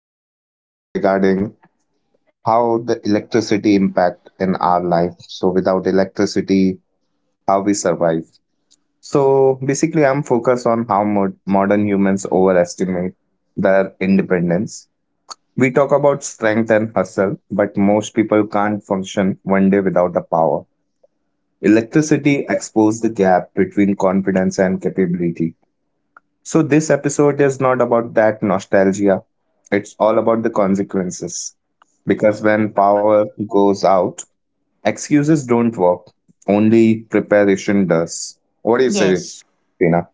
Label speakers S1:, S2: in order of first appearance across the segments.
S1: podcast is regarding how the electricity impact in our life. So, without electricity, how we survive. So, basically, I'm focused on how modern humans overestimate their independence. We talk about strength and hustle, but most people can't function one day without the power. Electricity exposed the gap between confidence and capability. So, this episode is not about that nostalgia. It's all about the consequences. Because when power goes out, excuses don't work, only preparation does. What do you say,
S2: Yes.
S1: Tina?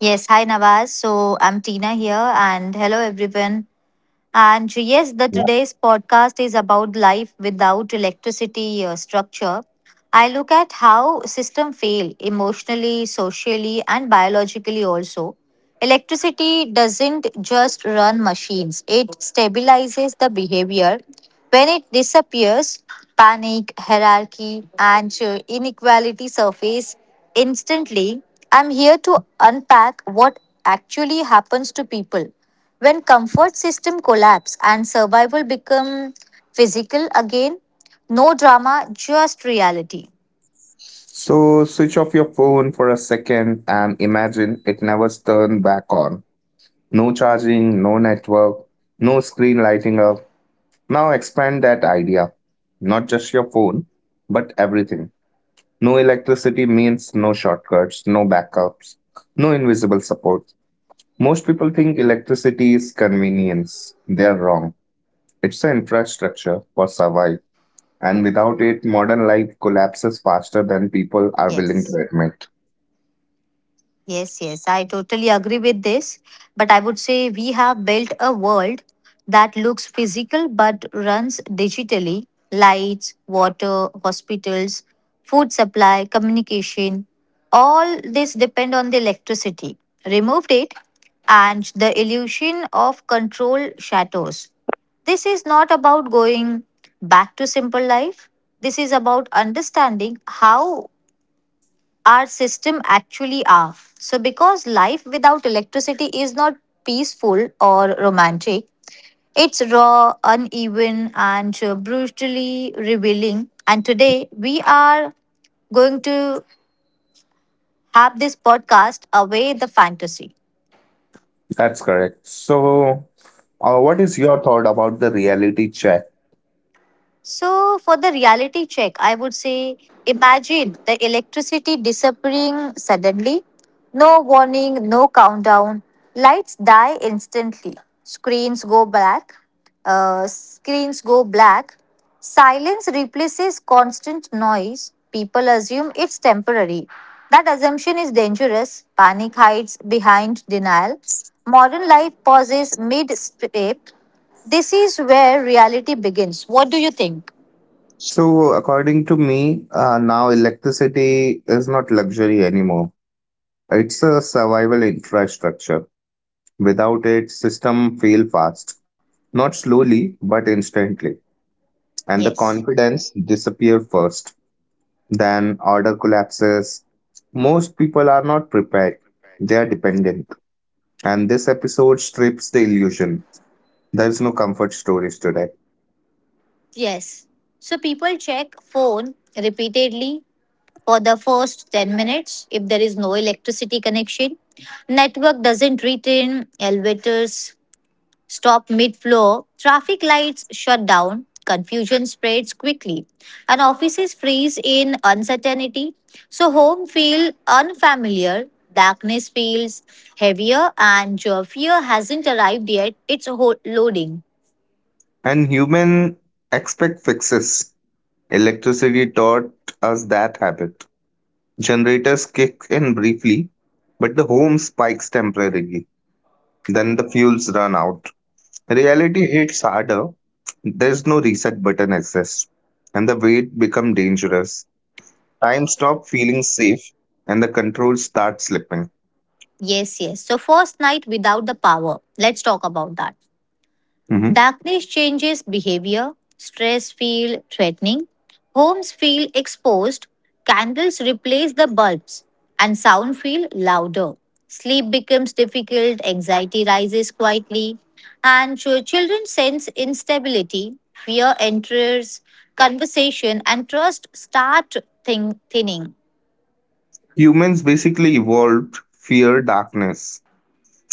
S2: Yes. Hi, Nawaz. So I'm Tina here, and hello, everyone. And yes, the
S1: Yeah.
S2: today's podcast is about life without electricity structure. I look at how system fail emotionally, socially, and biologically also. Electricity doesn't just run machines; it stabilizes the behavior. When it disappears, panic, hierarchy, and inequality surface instantly. I'm here to unpack what actually happens to people when comfort system collapse and survival become physical again, no drama, just reality.
S1: So, switch off your phone for a second and imagine it never turned back on. No charging, no network, no screen lighting up. Now, expand that idea. Not just your phone, but everything. No electricity means no shortcuts, no backups, no invisible support. Most people think electricity is convenience. They are wrong. It's an infrastructure for survival, and without it, modern life collapses faster than people are willing to
S2: Yes.
S1: admit.
S2: Yes, yes, I totally agree with this. But I would say we have built a world that looks physical but runs digitally lights, water, hospitals, food supply, communication. All this depend on the electricity. Removed it, and the illusion of control shatters. This is not about going back to simple life. This is about understanding how our system actually are. So, because life without electricity is not peaceful or romantic, it's raw, uneven, and brutally revealing. And today we are going to have this podcast away the fantasy.
S1: That's correct. So, what is your thought about the reality check?
S2: So, for the reality check, I would say imagine the electricity disappearing suddenly. No warning, no countdown. Lights die instantly. Screens go black. Uh, screens go black. Silence replaces constant noise. People assume it's temporary. That assumption is dangerous. Panic hides behind denial. Modern life pauses mid-step. This is where reality begins. What do you think?
S1: So, according to me, now electricity is not luxury anymore. It's a survival infrastructure. Without it, system fail fast, not slowly but instantly, and the
S2: Yes.
S1: confidence disappear first. Then order collapses. Most people are not prepared; they are dependent, and this episode strips the illusion. There is no comfort stories today,
S2: Yes. So people check phone repeatedly for the first 10 minutes if there is no electricity connection. Network doesn't return. Elevators stop mid flow, traffic lights shut down, confusion spreads quickly, and offices freeze in uncertainty. So, home feels unfamiliar, darkness feels heavier, and your fear hasn't arrived yet. It's loading.
S1: and human expect fixes. Electricity taught us that habit. Generators kick in briefly, but the home spikes temporarily. Then the fuels run out. Reality hits harder. There's no reset button exists, and the weight become dangerous. Time stop feeling safe, and the control start slipping.
S2: Yes, yes. So, first night without the power. Let's talk about that.
S1: Mhm.
S2: Darkness changes behavior, stress feel threatening, homes feel exposed, candles replace the bulbs, and sound feel louder. Sleep becomes difficult, anxiety rises quietly, and children sense instability, fear enters conversation, and trust start thinning.
S1: Humans basically evolved fear darkness,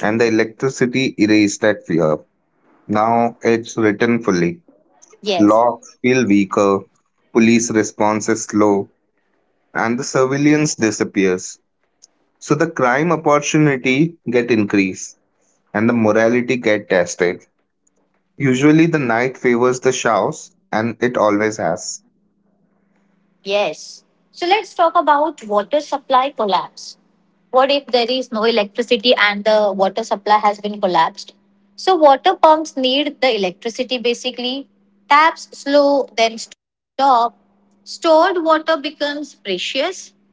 S1: and the electricity erased that fear. Now it's written fully.
S2: Yes.
S1: Locks feel weaker, police response is slow, and the surveillance disappears. So the crime opportunity get increased, and the morality get tested. Usually the night favors the showers, and it always has.
S2: Yes. So let's talk about water supply collapse. What if there is no electricity and the water supply has been collapsed? So water pumps need the electricity basically. Taps slow, then stop. Stored water becomes precious.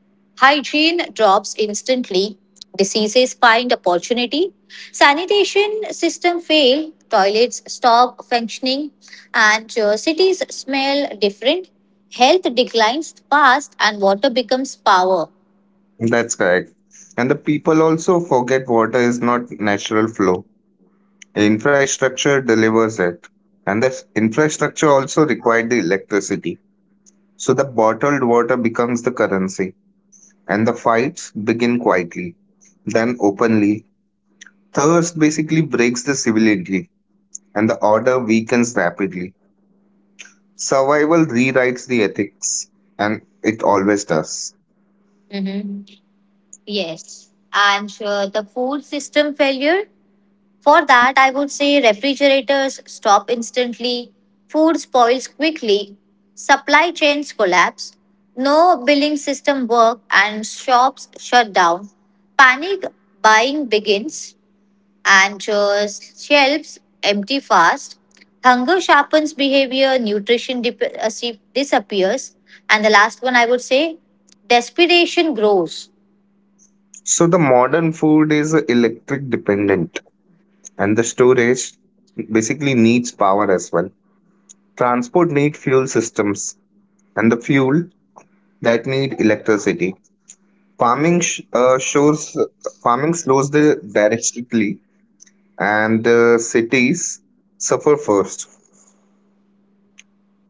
S2: Hygiene drops instantly. Diseases find opportunity. Sanitation system fail. Toilets stop functioning, and cities smell different. Health declines fast, and water becomes power.
S1: That's correct. And the people also forget water is not natural flow. Infrastructure delivers it. And the infrastructure also required the electricity. So the bottled water becomes the currency. And the fights begin quietly, then openly. Thirst basically breaks the civility, and the order weakens rapidly. Survival rewrites the ethics, and it always does.
S2: Mhm. Yes, and the food system failure. For that, I would say refrigerators stop instantly, food spoils quickly, supply chains collapse, no billing system work, and shops shut down. Panic buying begins, and shelves empty fast. Hunger sharpens behavior, disappears, and the last one I would say desperation grows.
S1: So the modern food is electric dependent, and the storage basically needs power as well. Transport need fuel systems, and the fuel that need electricity. Farming sh- shows Farming slows the directly, and the cities suffer first.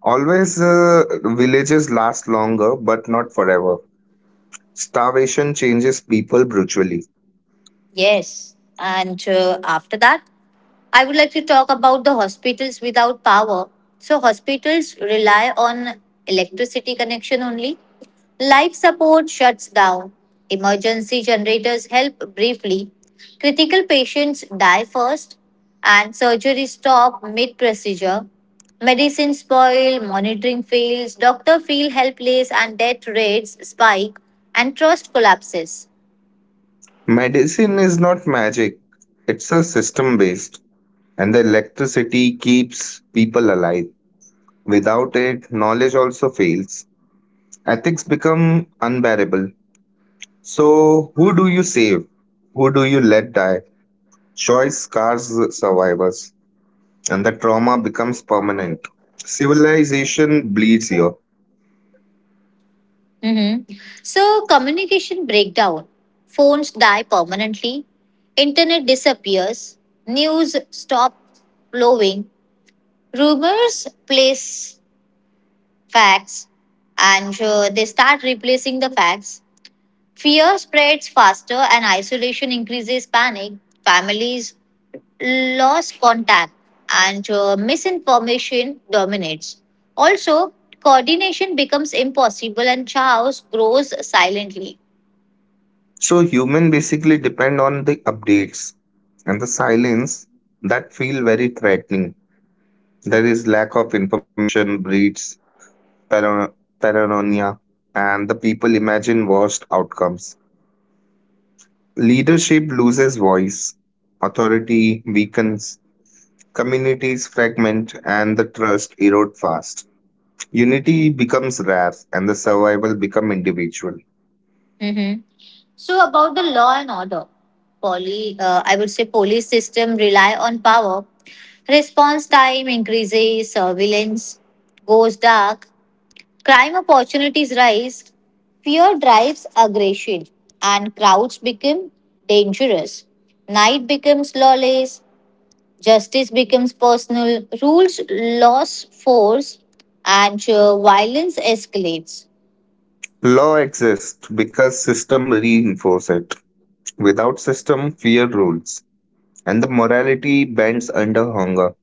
S1: Always, villages last longer, but not forever. Starvation changes people brutally.
S2: Yes, and after that, I would like to talk about the hospitals without power. So, hospitals rely on electricity connection only. Life support shuts down. Emergency generators help briefly. Critical patients die first, and surgery stop mid procedure. Medicine spoil, monitoring fails, doctor feel helpless, and death rates spike, and trust collapses.
S1: Medicine is not magic; it's a system based. And the electricity keeps people alive. Without it, knowledge also fails. Ethics become unbearable. So, who do you save? Who do you let die? Choice scars survivors, and the trauma becomes permanent. Civilization bleeds here.
S2: hmm So, communication breakdown. Phones die permanently. Internet disappears. News stop flowing. Rumors place facts, and they start replacing the facts. Fear spreads faster and isolation increases panic. Families lose contact and misinformation dominates. Also, coordination becomes impossible and chaos grows silently.
S1: So, human basically depend on the updates and the silence that feel very threatening. There is lack of information breeds parano- paranoia, and the people imagine worst outcomes. Leadership loses voice, authority weakens, communities fragment, and the trust erode fast. Unity becomes rare, and the survival become individual.
S2: Mm-hmm. So about the law and order, I would say police system rely on power. Response time increases, surveillance goes dark, crime opportunities rise, fear drives aggression, and crowds become dangerous. Night becomes lawless, justice becomes personal, rules lose force, and violence escalates.
S1: Law exists because system reinforce it. Without system, fear rules, and the morality bends under hunger.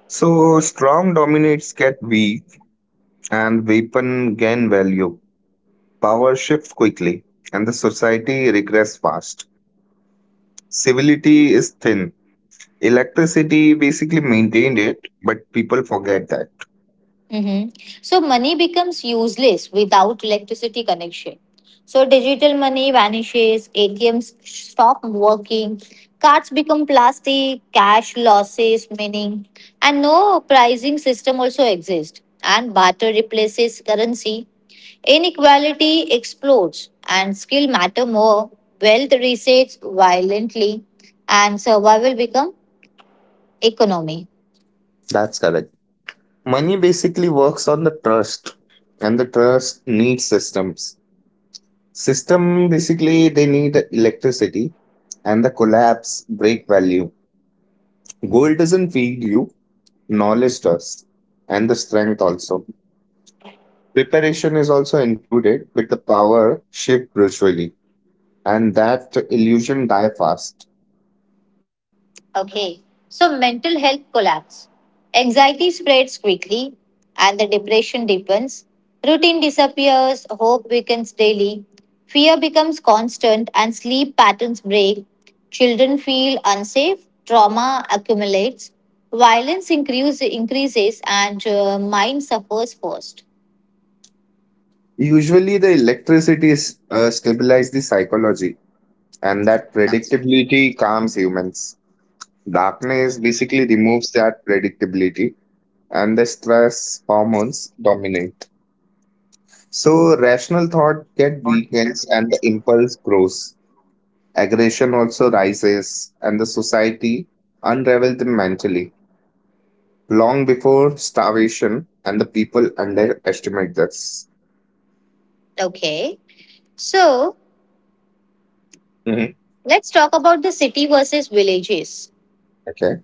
S1: So strong dominates get weak, and weapon gain value. Power shifts quickly, and the society regress fast. Civility is thin. Electricity basically maintained it, but people forget that.
S2: hmm So money becomes useless without electricity connection. So digital money vanishes, ATMs stop working, cards become plastic, cash losses meaning, and no pricing system also exists. And barter replaces currency. Inequality explodes, and skill matter more. Wealth resets violently, and survival become economy.
S1: That's correct. Money basically works on the trust, and the trust needs systems. System basically they need electricity, and the collapse break value. Gold doesn't feed you, knowledge does, and the strength also. Preparation is also included with the power shift gradually, and that illusion die fast.
S2: Okay, so mental health collapse. Anxiety spreads quickly and the depression deepens. Routine disappears, hope weakens daily. Fear becomes constant and sleep patterns break. Children feel unsafe, trauma accumulates, increases, and mind suffers first.
S1: Usually, the electricity is, stabilizes the psychology, and that predictability calms humans. Darkness basically removes that predictability, and the stress hormones dominate. So, rational thought get weakens, and the impulse grows. Aggression also rises, and the society unravels them mentally long before starvation, and the people underestimate this.
S2: Okay, so
S1: Mhm.
S2: let's talk about the city versus villages.
S1: Okay.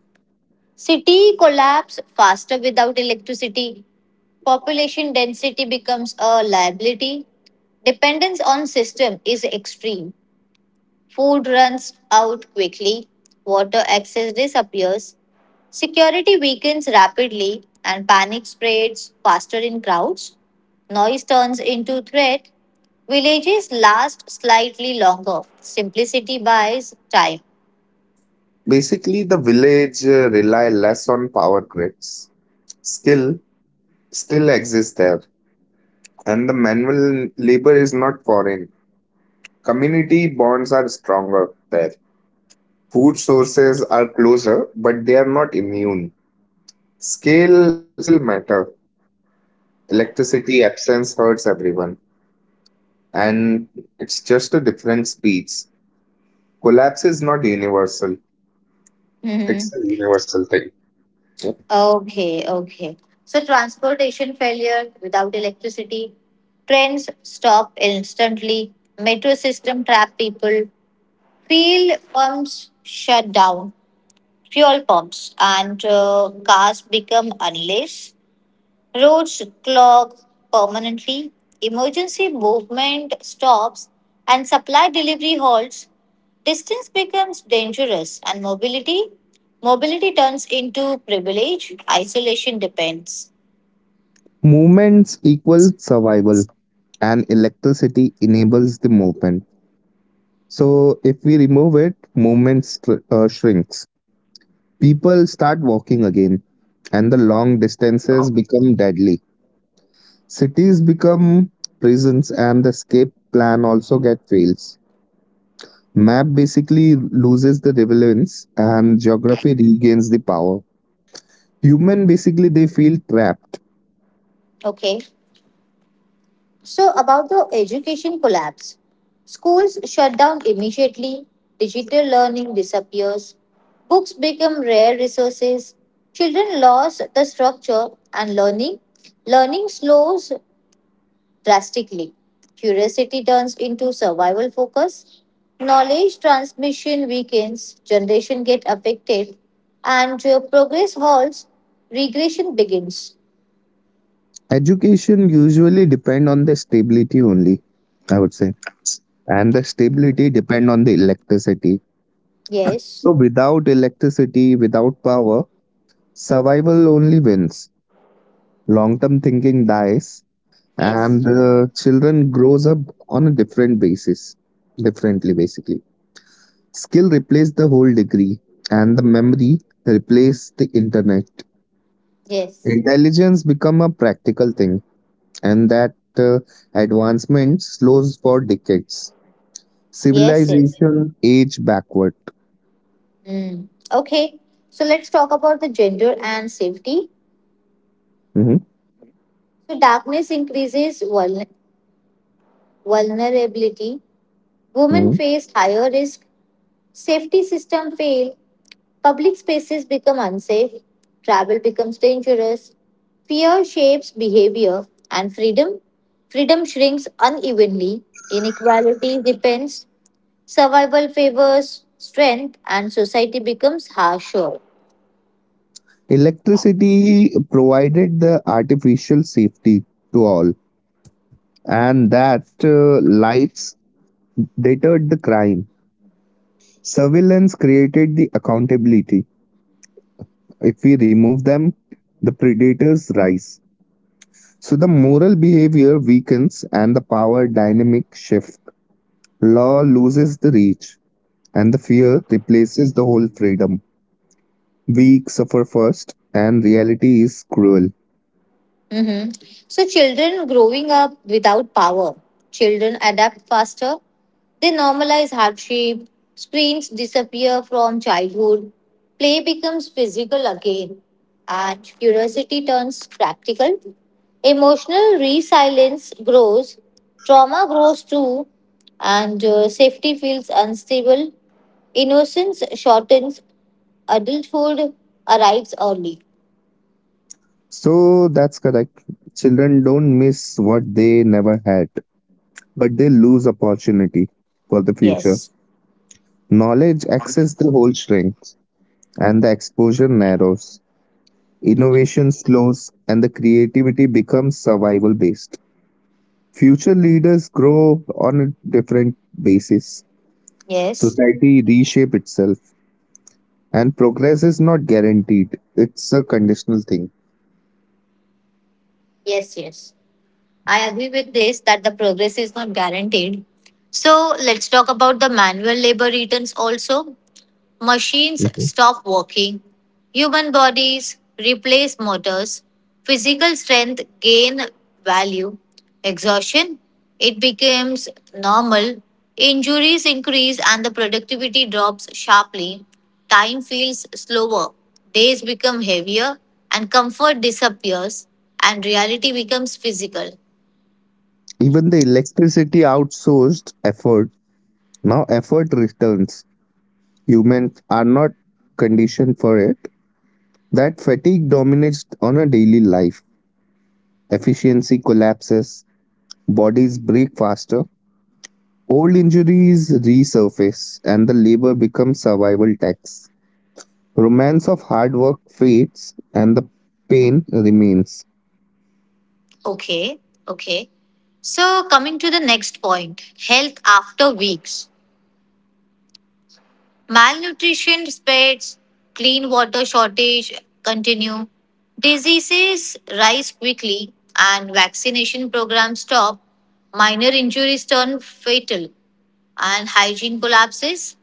S2: City collapse faster without electricity. Population density becomes a liability. Dependence on system is extreme. Food runs out quickly, water access disappears, security weakens rapidly, and panic spreads faster in crowds. Noise turns into threat. Villages last slightly longer. Simplicity buys time.
S1: Basically, the village rely less on power grids. Skill still exists there, and the manual labor is not foreign. Community bonds are stronger there. Food sources are closer, but they are not immune. Scale still matter. Electricity absence hurts everyone, and it's just a different speeds. Collapse is not universal. It's
S2: Mhm.
S1: a universal thing.
S2: Okay, okay. So transportation failure without electricity, trains stop instantly, metro system trap people, fuel pumps shut down, fuel pumps, and cars become unless. Roads clog permanently, emergency movement stops, and supply delivery halts. Distance becomes dangerous, and mobility turns into privilege. Isolation depends.
S1: Movements equal survival, and electricity enables the movement. So, if we remove it, movement shrinks. People start walking again, and the long distances become deadly. Cities become prisons, and the escape plan also get fails. Map basically loses the relevance, and geography regains the power. Human basically they feel trapped.
S2: Okay. So about the education collapse, schools shut down immediately. Digital learning disappears. Books become rare resources. Children lose the structure and learning. Learning slows drastically. Curiosity turns into survival focus, knowledge transmission weakens, generation get affected, and progress halts, regression begins.
S1: Education usually depend on the stability only, I would say, and the stability depend on the electricity.
S2: Yes.
S1: So without electricity, without power, survival only wins. Long-term thinking dies, and
S2: Yes.
S1: the children grows up on a different basis, differently basically. Skill replace the whole degree, and the memory replace the internet.
S2: Yes.
S1: Intelligence become a practical thing, and that advancement slows for decades.
S2: Yes, yes.
S1: Civilization age backward.
S2: Mm. Okay, so let's talk about the gender and safety.
S1: Mhm.
S2: So, darkness increases vulnerability. Women face higher risk. Safety system fail. Public spaces become unsafe, travel becomes dangerous, fear shapes behavior, and Freedom shrinks unevenly, inequality depends, survival favors strength, and society becomes harsher.
S1: Electricity provided the artificial safety to all, and that lights deterred the crime. Surveillance created the accountability. If we remove them, the predators rise. So the moral behavior weakens and the power dynamic shift. Law loses the reach and the fear replaces the whole freedom. Weak suffer first and reality is cruel.
S2: Mhm. So, children growing up without power, children adapt faster. They normalize hardship, screens disappear from childhood, play becomes physical again, and curiosity turns practical. Emotional resilience grows, trauma grows too, and safety feels unstable. Innocence shortens, adulthood arrives early.
S1: So that's correct. Children don't miss what they never had, but they lose opportunity for the future.
S2: Yes,
S1: Knowledge access the whole shrinks and the exposure narrows. Innovation slows and the creativity becomes survival based. Future leaders grow on a different basis.
S2: yes,
S1: Society reshape itself and progress is not guaranteed. It's a conditional thing.
S2: yes, yes. I agree with this that the progress is not guaranteed. So let's talk about the manual labor returns also. Machines
S1: Mhm.
S2: stop working. Human bodies replace motors. Physical strength gain value. Exhaustion, it becomes normal. Injuries increase and the productivity drops sharply. Time feels slower. Days become heavier and comfort disappears and reality becomes physical.
S1: Even the electricity outsourced effort. Now effort returns. Humans are not conditioned for it. That fatigue dominates on a daily life. Efficiency collapses, bodies break faster, old injuries resurface, and the labor becomes survival tax. Romance of hard work fades and the pain remains.
S2: Okay, okay. So, coming to the next point health after weeks. Malnutrition spreads, clean water shortage continue, diseases rise quickly, and vaccination programs stop. Minor injuries turn fatal, and hygiene collapses.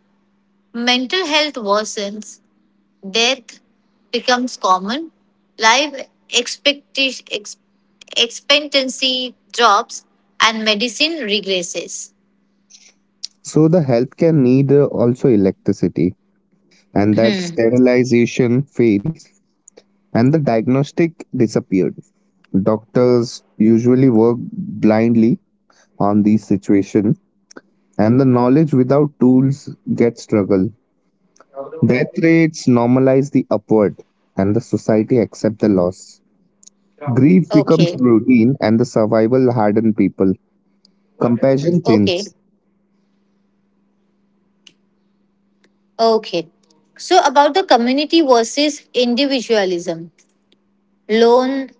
S2: Mental health worsens, death becomes common, life expecti- ex- expectancy drops, and medicine regresses.
S1: So the healthcare need also electricity and that
S2: Hmm.
S1: sterilization fails and the diagnostic disappeared. Doctors usually work blindly on these situations, and the knowledge without tools gets struggle. Death rates normalize the upward, and the society accept the loss. Grief becomes
S2: Okay.
S1: routine, and the survival harden people. Compassion
S2: Okay.
S1: thins.
S2: Okay. So, about the community versus individualism. Lone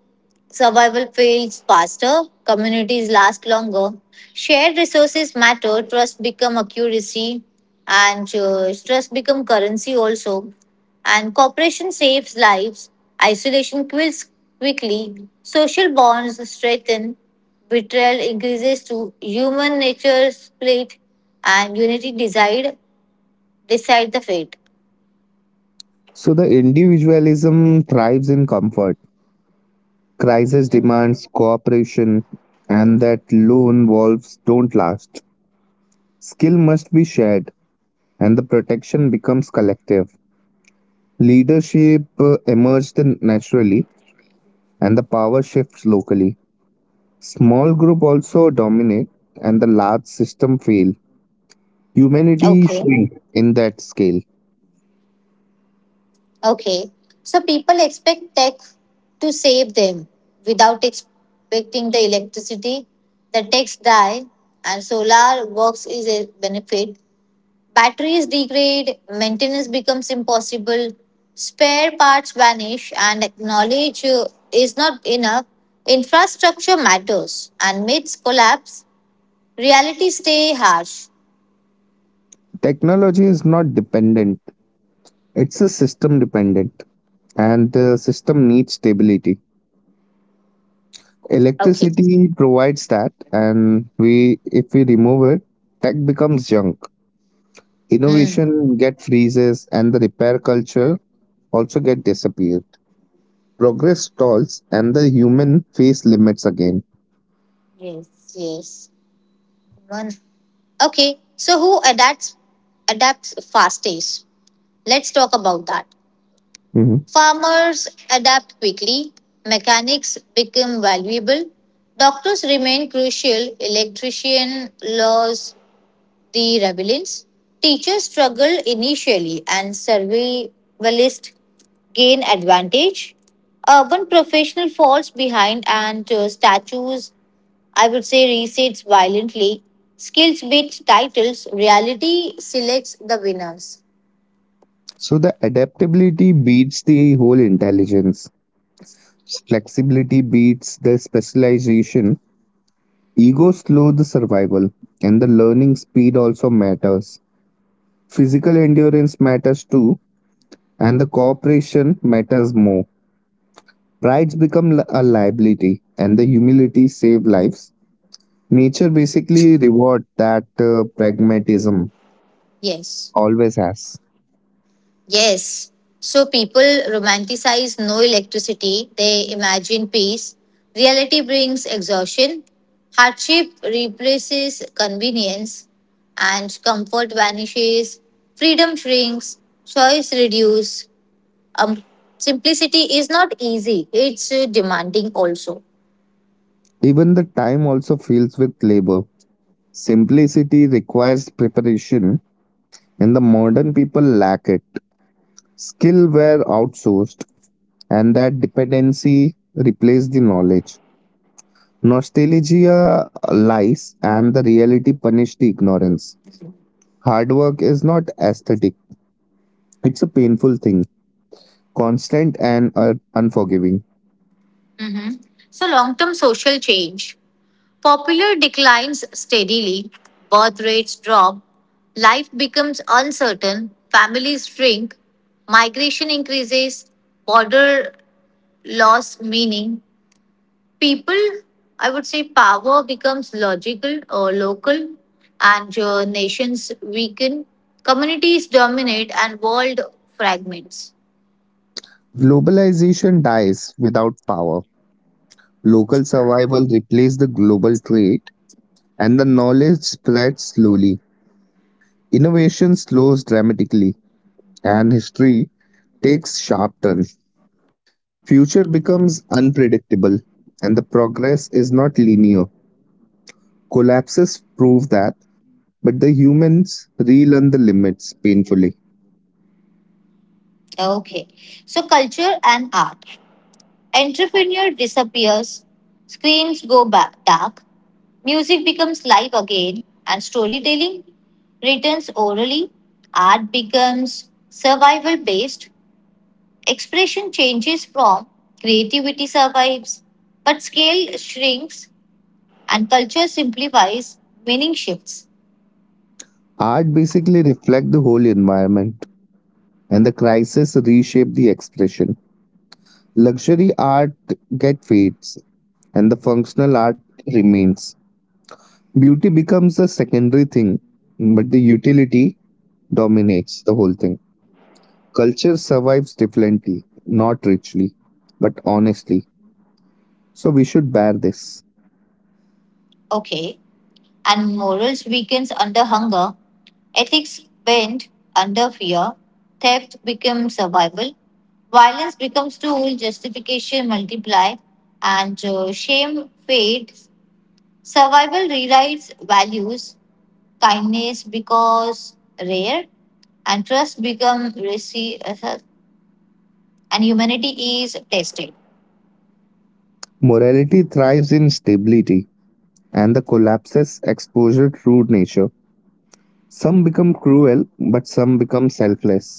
S2: survival fails faster, communities last longer, shared resources matter, trust become currency also. And cooperation saves lives, isolation kills quickly, social bonds strengthen, betrayal increases to human nature's plate, and unity decide decide the fate.
S1: So the individualism thrives in comfort. Crisis
S2: Mm.
S1: demands cooperation, and that lone wolves don't last. Skill must be shared, and the protection becomes collective. Leadership emerged naturally and the power shifts locally. Small group also dominate and the large system fail. Humanity
S2: Okay.
S1: shrink in that scale.
S2: Okay. So people expect tech to save them without expecting the electricity. The techs die and solar works is a benefit. Batteries degrade, maintenance becomes impossible, spare parts vanish and knowledge is not enough. Infrastructure matters and myths collapse. Reality stay harsh.
S1: Technology is not dependent, it's a system dependent and the system needs stability.
S2: Okay.
S1: Electricity provides that and we if we remove it, tech becomes junk.
S2: Hmm.
S1: Innovation get freezes and the repair culture also get disappears. Progress stalls and the human face limits again.
S2: Yes. Yes. Run. Okay, so who adapts fastest? Let's talk about that.
S1: Mhm.
S2: Farmers adapt quickly, mechanics become valuable, doctors remain crucial, electrician laws the rebellions, teachers struggle initially and survivalists gain advantage. Urban professional falls behind and statues I would say resets violently. Skills beat titles, reality selects the winners.
S1: So the adaptability beats the whole intelligence. Flexibility beats the specialization. Ego slow the survival. And the learning speed also matters. Physical endurance matters too. And the cooperation matters more. Prides become a liability. And the humility save lives. Nature basically reward that pragmatism
S2: Yes.
S1: always has.
S2: Yes. So people romanticize no electricity, they imagine peace. Reality brings exhaustion. Hardship replaces convenience, and comfort vanishes. Freedom shrinks, choice reduces. Um, Simplicity is not easy, it's demanding also.
S1: Even the time also fills with labor. Simplicity requires preparation, and the modern people lack it. Skill were outsourced, and that dependency replaced the knowledge. Nostalgia lies, and the reality punished the ignorance. Hard work is not aesthetic, it's a painful thing, constant and unforgiving.
S2: Mhm. So, long term social change. Popular declines steadily, birth rates drop, life becomes uncertain, families shrink, migration increases, border loss meaning. People, I would say, power becomes logical or local, and nations weaken, communities dominate, and world fragments.
S1: Globalization dies without power. Local survival replaced the global trade and the knowledge spreads slowly. Innovation slows dramatically, and history takes sharp turn. Future becomes unpredictable, and the progress is not linear. Collapses prove that, but the humans relearn the limits painfully.
S2: Okay. So, culture and art. Entrepreneur disappears, dark, music becomes live again, and storytelling returns orally. Art becomes survival based. Expression changes from creativity survives, but scale shrinks and culture simplifies, meaning shifts.
S1: Art basically reflects the whole environment, and the crisis reshape the expression. Luxury art get fades, and the functional art remains. Beauty becomes a secondary thing, but the utility dominates the whole thing. Culture survives differently, not richly, but honestly. So we should bear this.
S2: Okay. And morals weakens under hunger, ethics bend under fear, theft becomes survival, violence becomes tool, justification multiply, and shame fades. Survival rewrites values, kindness becomes rare, and and humanity is tested.
S1: Morality thrives in stability and the collapses exposure true nature. Some become cruel, but some become selfless.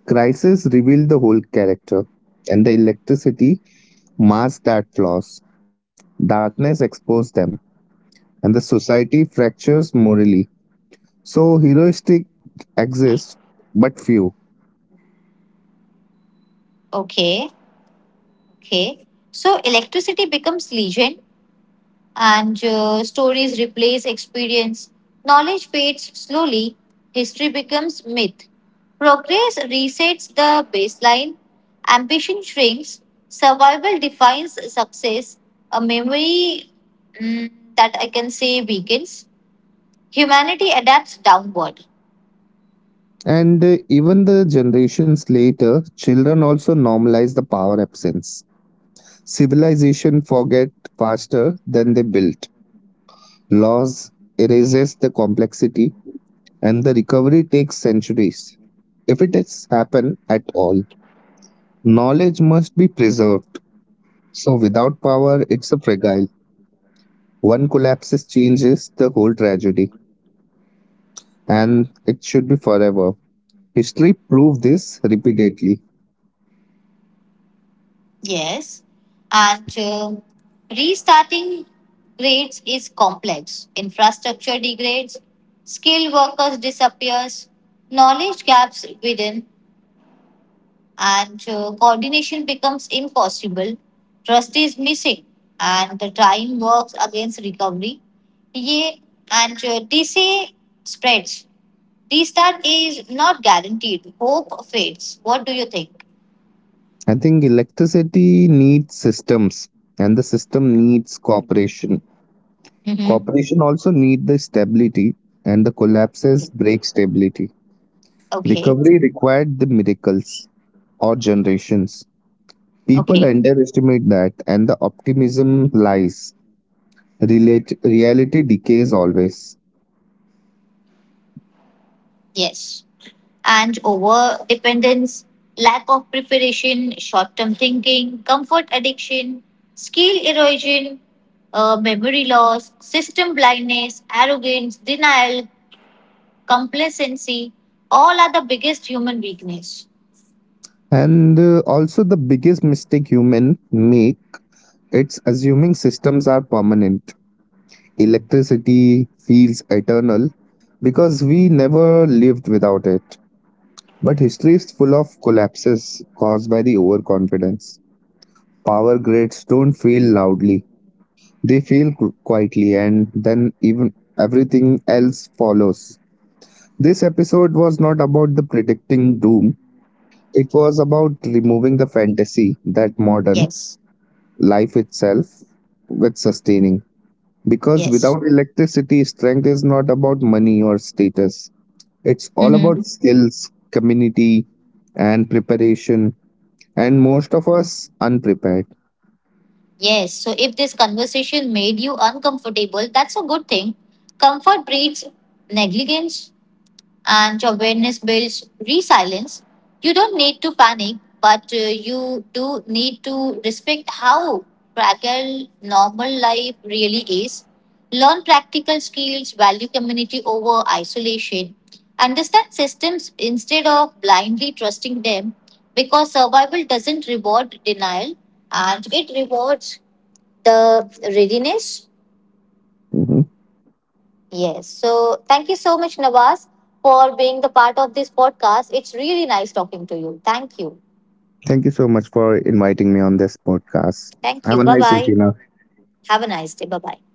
S1: Crises reveal the whole character, and the electricity masks that flaws. Darkness exposes them, and the society fractures morally. So heroistic exists, but few.
S2: Okay, okay. So electricity becomes legion and stories replace experience. Knowledge fades slowly, history becomes myth. Progress resets the baseline, ambition shrinks, survival defines success, a memory mm, that I can say weakens. Humanity adapts downward.
S1: And even the generations later, children also normalize the power absence. Civilization forget faster than they built. Laws erases the complexity and the recovery takes centuries. If it has happened at all, knowledge must be preserved. So without power, it's a fragile. One collapses changes the whole tragedy and it should be forever. History proved this repeatedly.
S2: Yes, and restarting grades is complex. Infrastructure degrades, skilled workers disappears, knowledge gaps widen, and coordination becomes impossible. Trust is missing, and the time works against recovery. Yeah, and DCA spreads. Restart is not guaranteed. Hope fades. What do you think?
S1: I think electricity needs systems, and the system needs cooperation.
S2: Mm-hmm.
S1: Cooperation also need the stability, and the collapses break stability.
S2: Okay.
S1: Recovery required the miracles or generations. People
S2: Okay.
S1: underestimate that, and the optimism lies. Relate, reality decays always.
S2: Yes. And over dependence, lack of preparation, short term thinking, comfort addiction, skill erosion, memory loss, system blindness, arrogance, denial, complacency, all are the biggest human weakness.
S1: And also, the biggest mistake human make it's assuming systems are permanent. Electricity feels eternal because we never lived without it. But history is full of collapses caused by the overconfidence. Power grids don't fail loudly, they fail quietly, and then even everything else follows. This episode was not about the predicting doom, it was about removing the fantasy that modern
S2: Yes,
S1: life itself with sustaining. Because without
S2: yes.
S1: electricity, strength is not about money or status. It's all about
S2: Hmm.
S1: skills, community, and preparation, and most of us unprepared.
S2: Yes, so if this conversation made you uncomfortable, that's a good thing. Comfort breeds negligence, and awareness builds resilience. You don't need to panic, but you do need to respect how fragile normal life really is. Learn practical skills, value community over isolation, understand systems instead of blindly trusting them because survival doesn't reward denial and it rewards the readiness.
S1: Mhm.
S2: Yes. So thank you so much, Nawaz, for being the part of this podcast. It's really nice talking to you. Thank you.
S1: Thank you so much for inviting me on this podcast.
S2: Thank
S1: Have a
S2: you. Bye
S1: nice day,
S2: bye.
S1: Tina.
S2: Have a nice day. Bye bye.